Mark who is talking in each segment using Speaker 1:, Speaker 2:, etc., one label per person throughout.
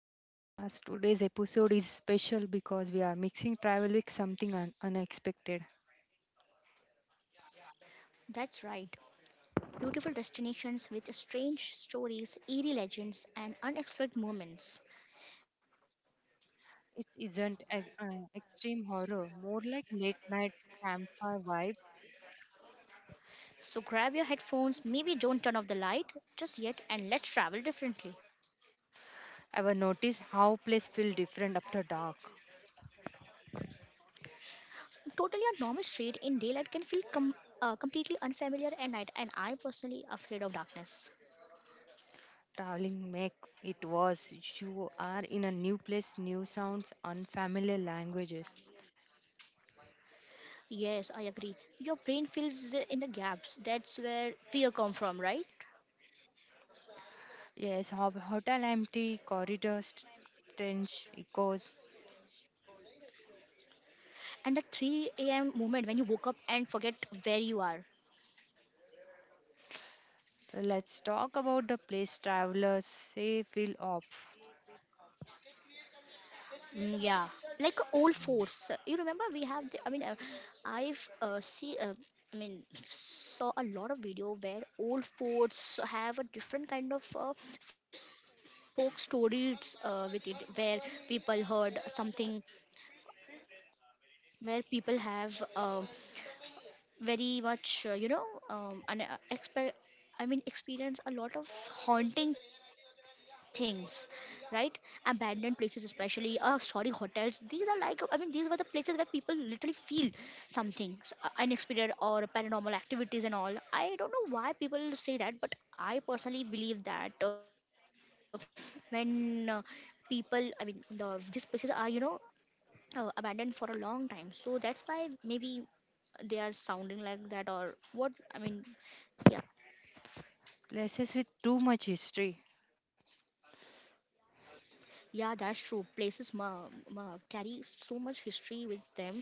Speaker 1: to the podcast. Today's episode is special because we are mixing travel with something unexpected.
Speaker 2: That's right. Beautiful destinations with strange stories, eerie legends, and unexpected moments.
Speaker 1: It isn't a, extreme horror, more like late night campfire vibes.
Speaker 2: So grab your headphones, maybe don't turn off the light just yet, and let's travel differently.
Speaker 1: Ever notice how place feel different after dark?
Speaker 2: Totally, a normal street in daylight can feel completely unfamiliar at night, and I personally afraid of darkness.
Speaker 1: Traveling make it worse. You are in a new place, new sounds, unfamiliar languages.
Speaker 2: Yes, I agree. Your brain fills in the gaps. That's where fear come from, right?
Speaker 1: Yes, hotel empty, corridors, strange echoes.
Speaker 2: And the 3 a.m. moment when you woke up and forget where you are.
Speaker 1: Let's talk about the place travelers say feel off.
Speaker 2: Yeah, like a old forts. You remember we have. The, I mean, I've see. I mean, Saw a lot of video where old forts have a different kind of folk stories with it, where people heard something, where people have very much you know an expe- I mean experience a lot of haunting things, right? Abandoned places, especially sorry, hotels, these are like I mean these were the places where people literally feel something unexpected or paranormal activities and all. I don't know why people say that, but I personally believe that when people I mean the these places are abandoned for a long time, so that's why maybe they are sounding like that or what I mean. Yeah.
Speaker 1: Places with too much history,
Speaker 2: Yeah, that's true. Places ma carry so much history with them. So,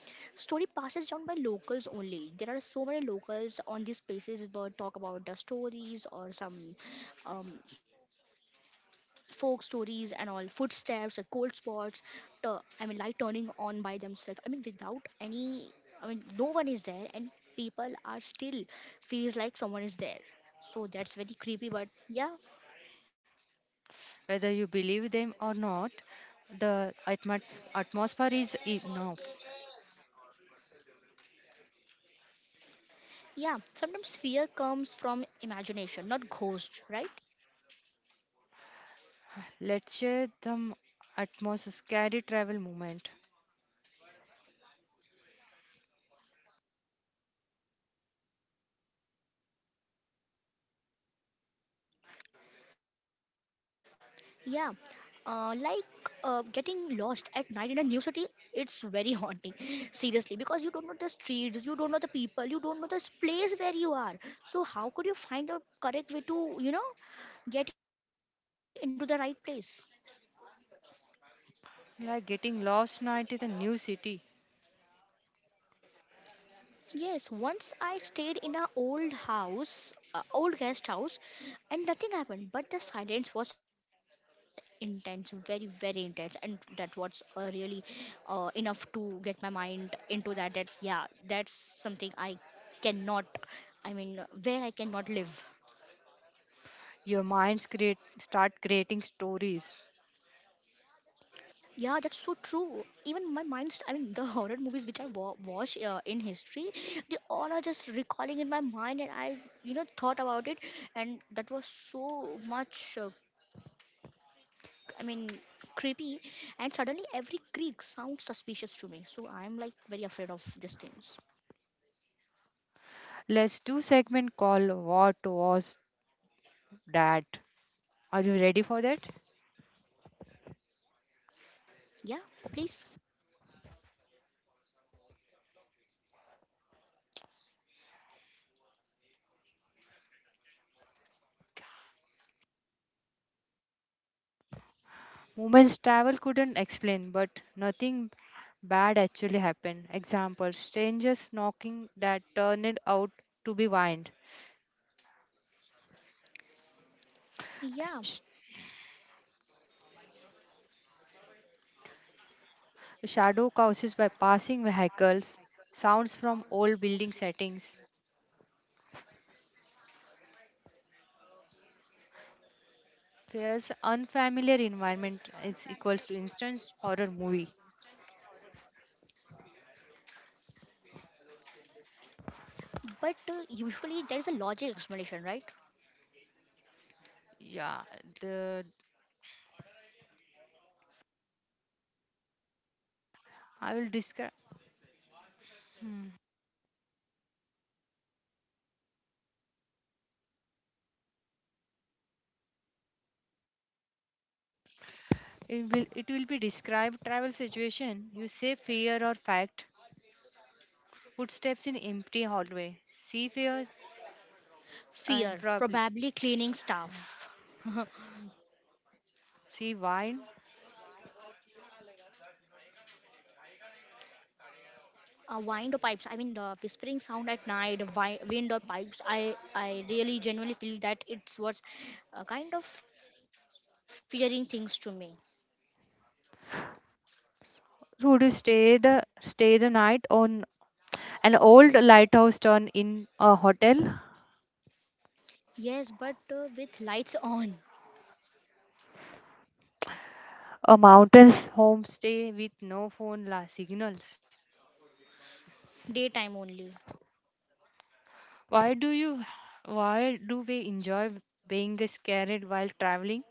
Speaker 2: story passes down by locals only. There are so many locals on these places but talk about the stories or some folk stories and all, footsteps or cold spots. Light turning on by themselves. I mean, without any. I mean, no one is there, and people are still feels like someone is there. So that's very creepy. But yeah.
Speaker 1: whether you believe them or not, the atmosphere is enough.
Speaker 2: Yeah, sometimes fear comes from imagination, not ghosts, right?
Speaker 1: Let's share the atmosphere scary travel moment,
Speaker 2: Yeah, like getting lost at night in a new city, it's very haunting, seriously, because you don't know the streets, you don't know the people, you don't know this place where you are. So, how could you find the correct way to, you know, get into the right place?
Speaker 1: like getting lost night in a new city.
Speaker 2: Yes, once I stayed in a old house, old guest house, and nothing happened. But the silence was intense, very, very intense, and that was really enough to get my mind into that. That's, yeah, that's something I cannot. I mean, where I cannot live.
Speaker 1: Your minds create start creating stories.
Speaker 2: Yeah, that's so true. Even my mind's, I mean, the horror movies which I watch in history, they all are just recalling in my mind, and I, you know, thought about it, and that was so much, I mean, creepy. And suddenly, every creak sounds suspicious to me, so I'm like very afraid of these things.
Speaker 1: Let's do segment called "What Was That." Are you ready for that?
Speaker 2: Yeah, please.
Speaker 1: Women's travel couldn't explain, but nothing bad actually happened. Example strangers knocking that turned out to be wind,
Speaker 2: Yeah,
Speaker 1: sh- shadow causes by passing vehicles, sounds from old building settings. Fears unfamiliar environment is equals to instance horror movie.
Speaker 2: but usually there is a logic explanation, right?
Speaker 1: Yeah, the I will describe it will be described travel situation. You say fear or fact. Footsteps in empty hallway. See fear and
Speaker 2: Fear,
Speaker 1: probably
Speaker 2: probably cleaning staff.
Speaker 1: see wine
Speaker 2: Wind pipes, I mean the whispering sound at night, wind or pipes. I really genuinely feel that it's what's kind of fearing things to me.
Speaker 1: would stay the night on an old lighthouse town in a hotel,
Speaker 2: Yes, but with lights on.
Speaker 1: a mountains homestay with no phone la signals.
Speaker 2: Daytime only.
Speaker 1: why do you why do we enjoy being scared while traveling?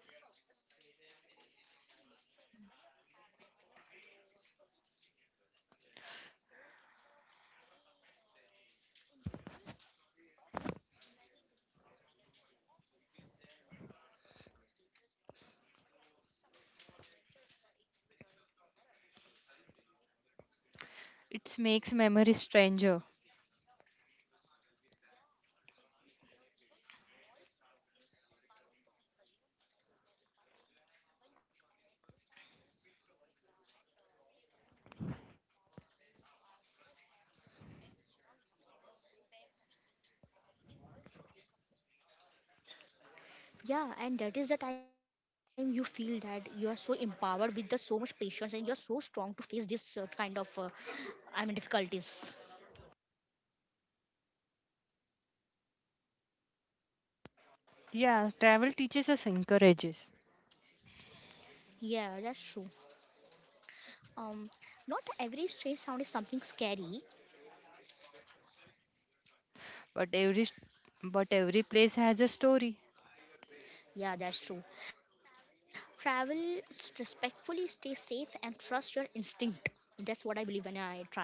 Speaker 1: It makes memories stranger.
Speaker 2: Yeah, and that is the time you feel that you are so empowered with the so much patience and you're so strong to face this difficulties.
Speaker 1: Yeah, travel teaches us encourages.
Speaker 2: Yeah, that's true. um Not every strange sound is something scary.
Speaker 1: but every but every place has a story.
Speaker 2: Yeah, that's true. Travel respectfully, stay safe, and trust your instinct. That's what I believe when I travel.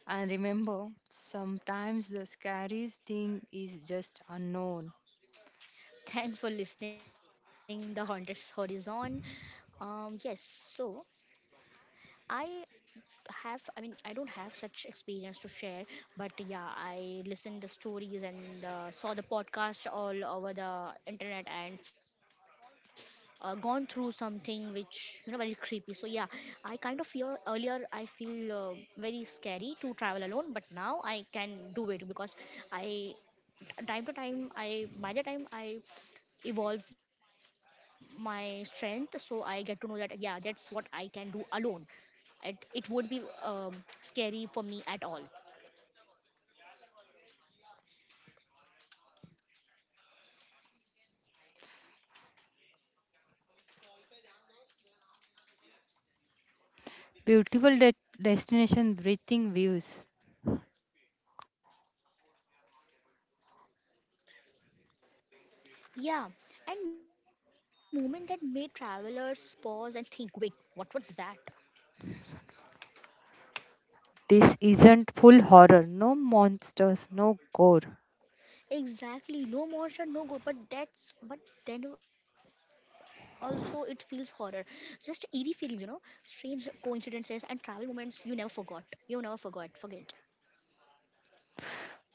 Speaker 1: And remember, sometimes the scariest thing is just unknown.
Speaker 2: Thanks for listening. The Haunted Horizon. Yes, so I have, I mean I don't have such experience to share, but yeah, I listened the stories and saw the podcast all over the internet, and gone through something which, you know, very creepy, so yeah. I kind of fear earlier, I feel very scary to travel alone, but now I can do it because I time to time I by the time I evolve my strength, so I get to know that, yeah, that's what I can do alone. It won't be scary for me at all.
Speaker 1: Beautiful destination, breathing views.
Speaker 2: Yeah, and moment that made travelers pause and think, wait, what was that?
Speaker 1: This isn't full horror. No monsters, no gore.
Speaker 2: Exactly, no motion, no go. But that's, but then also it feels horror, just eerie feelings, you know, strange coincidences and travel moments you never forgot, forget.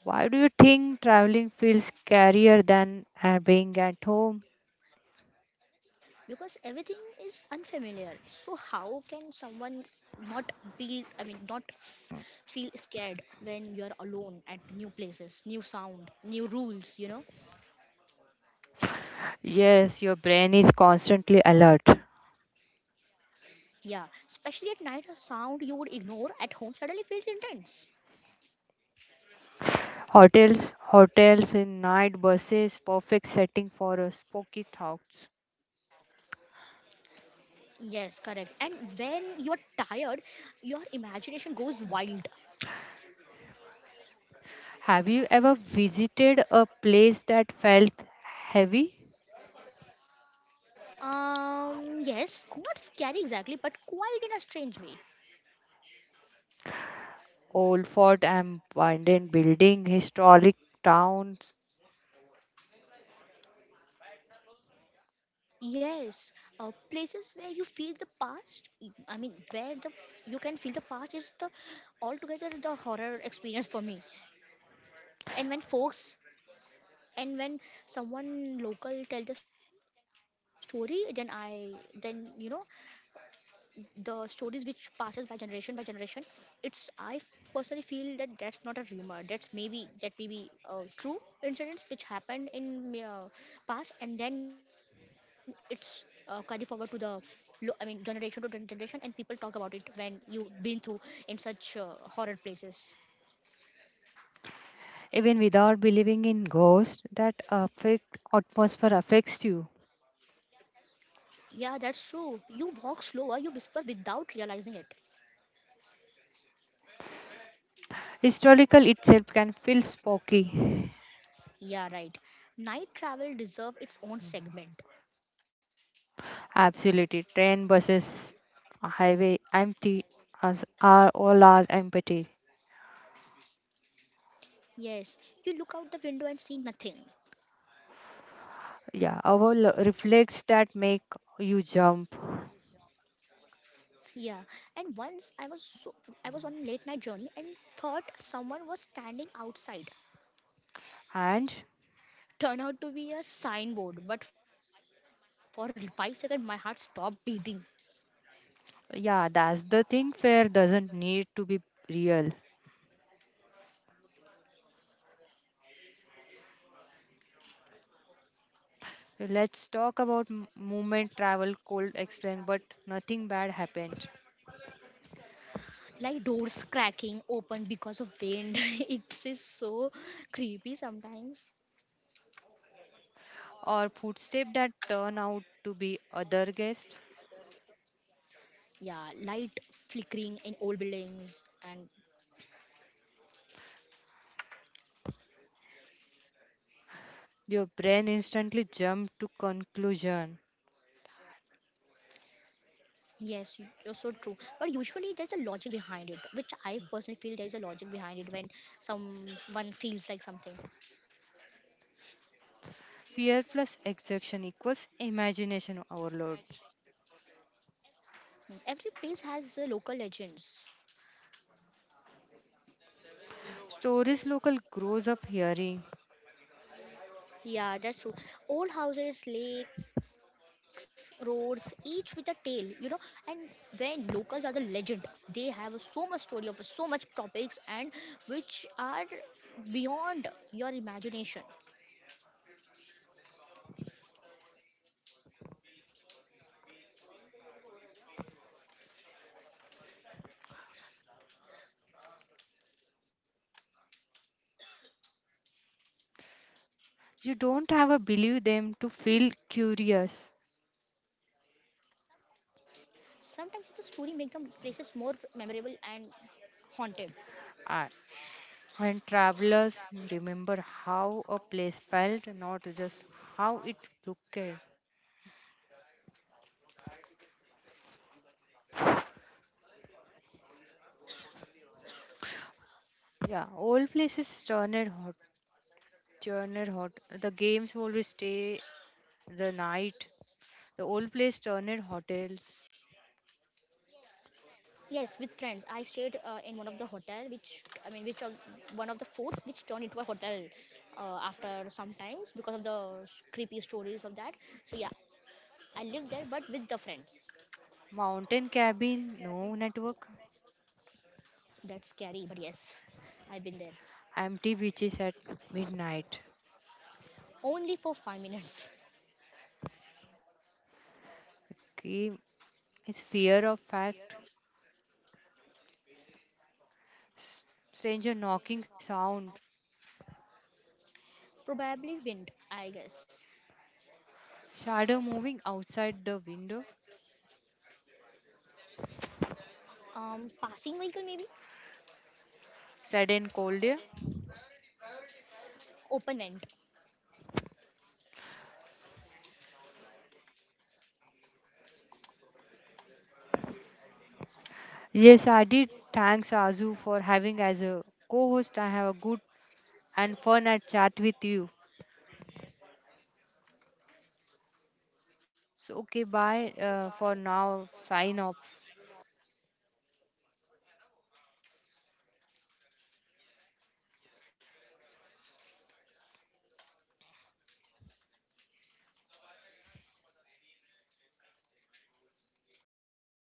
Speaker 1: Why do you think traveling feels scarier than being at home?
Speaker 2: Because everything is unfamiliar, so how can someone not be, I mean not feel scared when you are alone at new places, new sound, new rules, you know?
Speaker 1: Yes, your brain is constantly alert.
Speaker 2: Yeah, especially at night, a sound you would ignore at home suddenly feels intense.
Speaker 1: Hotels, and night buses, perfect setting for a spooky thoughts.
Speaker 2: Yes, correct. And when you are tired, your imagination goes wild.
Speaker 1: Have you ever visited a place that felt heavy?
Speaker 2: Yes, not scary exactly, but quiet in a strange way.
Speaker 1: Old Fort and abandoned building, historic towns,
Speaker 2: Yes, places where you feel the past. Y- I mean, where the You can feel the past is the altogether the horror experience for me. And when folks and when someone local tell the story, then I, then you know, the stories which passes by generation by generation. It's, I personally feel that that's not a rumor, that's maybe, that may be true incidents which happened in past, and then it's carried forward to the generation to generation, and people talk about it when you been through in such horror places.
Speaker 1: even without believing in ghosts that affect atmosphere affects you.
Speaker 2: Yeah, that's true. You walk slower, you whisper without realizing it.
Speaker 1: Historical itself can feel spooky.
Speaker 2: Yeah, right. Night travel deserve its own segment.
Speaker 1: Absolutely, train buses, highway empty, as are all are empty.
Speaker 2: Yes, you look out the window and see nothing.
Speaker 1: Yeah, our reflex that make you jump.
Speaker 2: Yeah. And once I was so, I was on late night journey and thought someone was standing outside.
Speaker 1: And
Speaker 2: Turned out to be a signboard, but for 5 seconds my heart stopped beating.
Speaker 1: yeah, that's the thing, fear doesn't need to be real. So let's talk about movement travel cold explain but nothing bad happened,
Speaker 2: Like doors cracking open because of wind. It is so creepy sometimes.
Speaker 1: or footsteps that turn out to be other guests,
Speaker 2: Yeah, light flickering in old buildings and
Speaker 1: your brain instantly jumps to conclusion.
Speaker 2: yes, you're so true. But usually there's a logic behind it, which I personally feel there is a logic behind it when someone feels like something.
Speaker 1: Fear plus exhaustion equals imagination overload.
Speaker 2: Mm, every place has local legends.
Speaker 1: Stories local grows up hearing.
Speaker 2: Yeah, that's true. Old houses, lakes, roads, each with a tale, you know. And when locals are the legend, they have so much story of so much topics and which are beyond your imagination.
Speaker 1: You don't have to believe them to feel curious.
Speaker 2: Sometimes the story make the places more memorable and haunted.
Speaker 1: And and travelers remember how a place felt, not just how it looked. Yeah, old places turned hot, turned hot. The games always stay the night. The old place turned hotels,
Speaker 2: Yes, with friends, I stayed in one of the hotel, which I mean, which of one of the forts, which turned into a hotel after some times because of the creepy stories of that. So yeah, I lived there, but with the friends.
Speaker 1: mountain cabin, no network,
Speaker 2: That's scary, but yes, I've been there
Speaker 1: empty beaches at midnight.
Speaker 2: only for 5 minutes.
Speaker 1: Okay, his fear of fact, s- stranger knocking sound,
Speaker 2: Probably wind, I guess.
Speaker 1: shadow moving outside the window,
Speaker 2: Passing vehicle maybe.
Speaker 1: sudden cold air.
Speaker 2: Open wind.
Speaker 1: Yes, I did. Thanks, Azu, for having as a co-host. I have a good and fun at chat with you. So okay, bye for now. Sign off.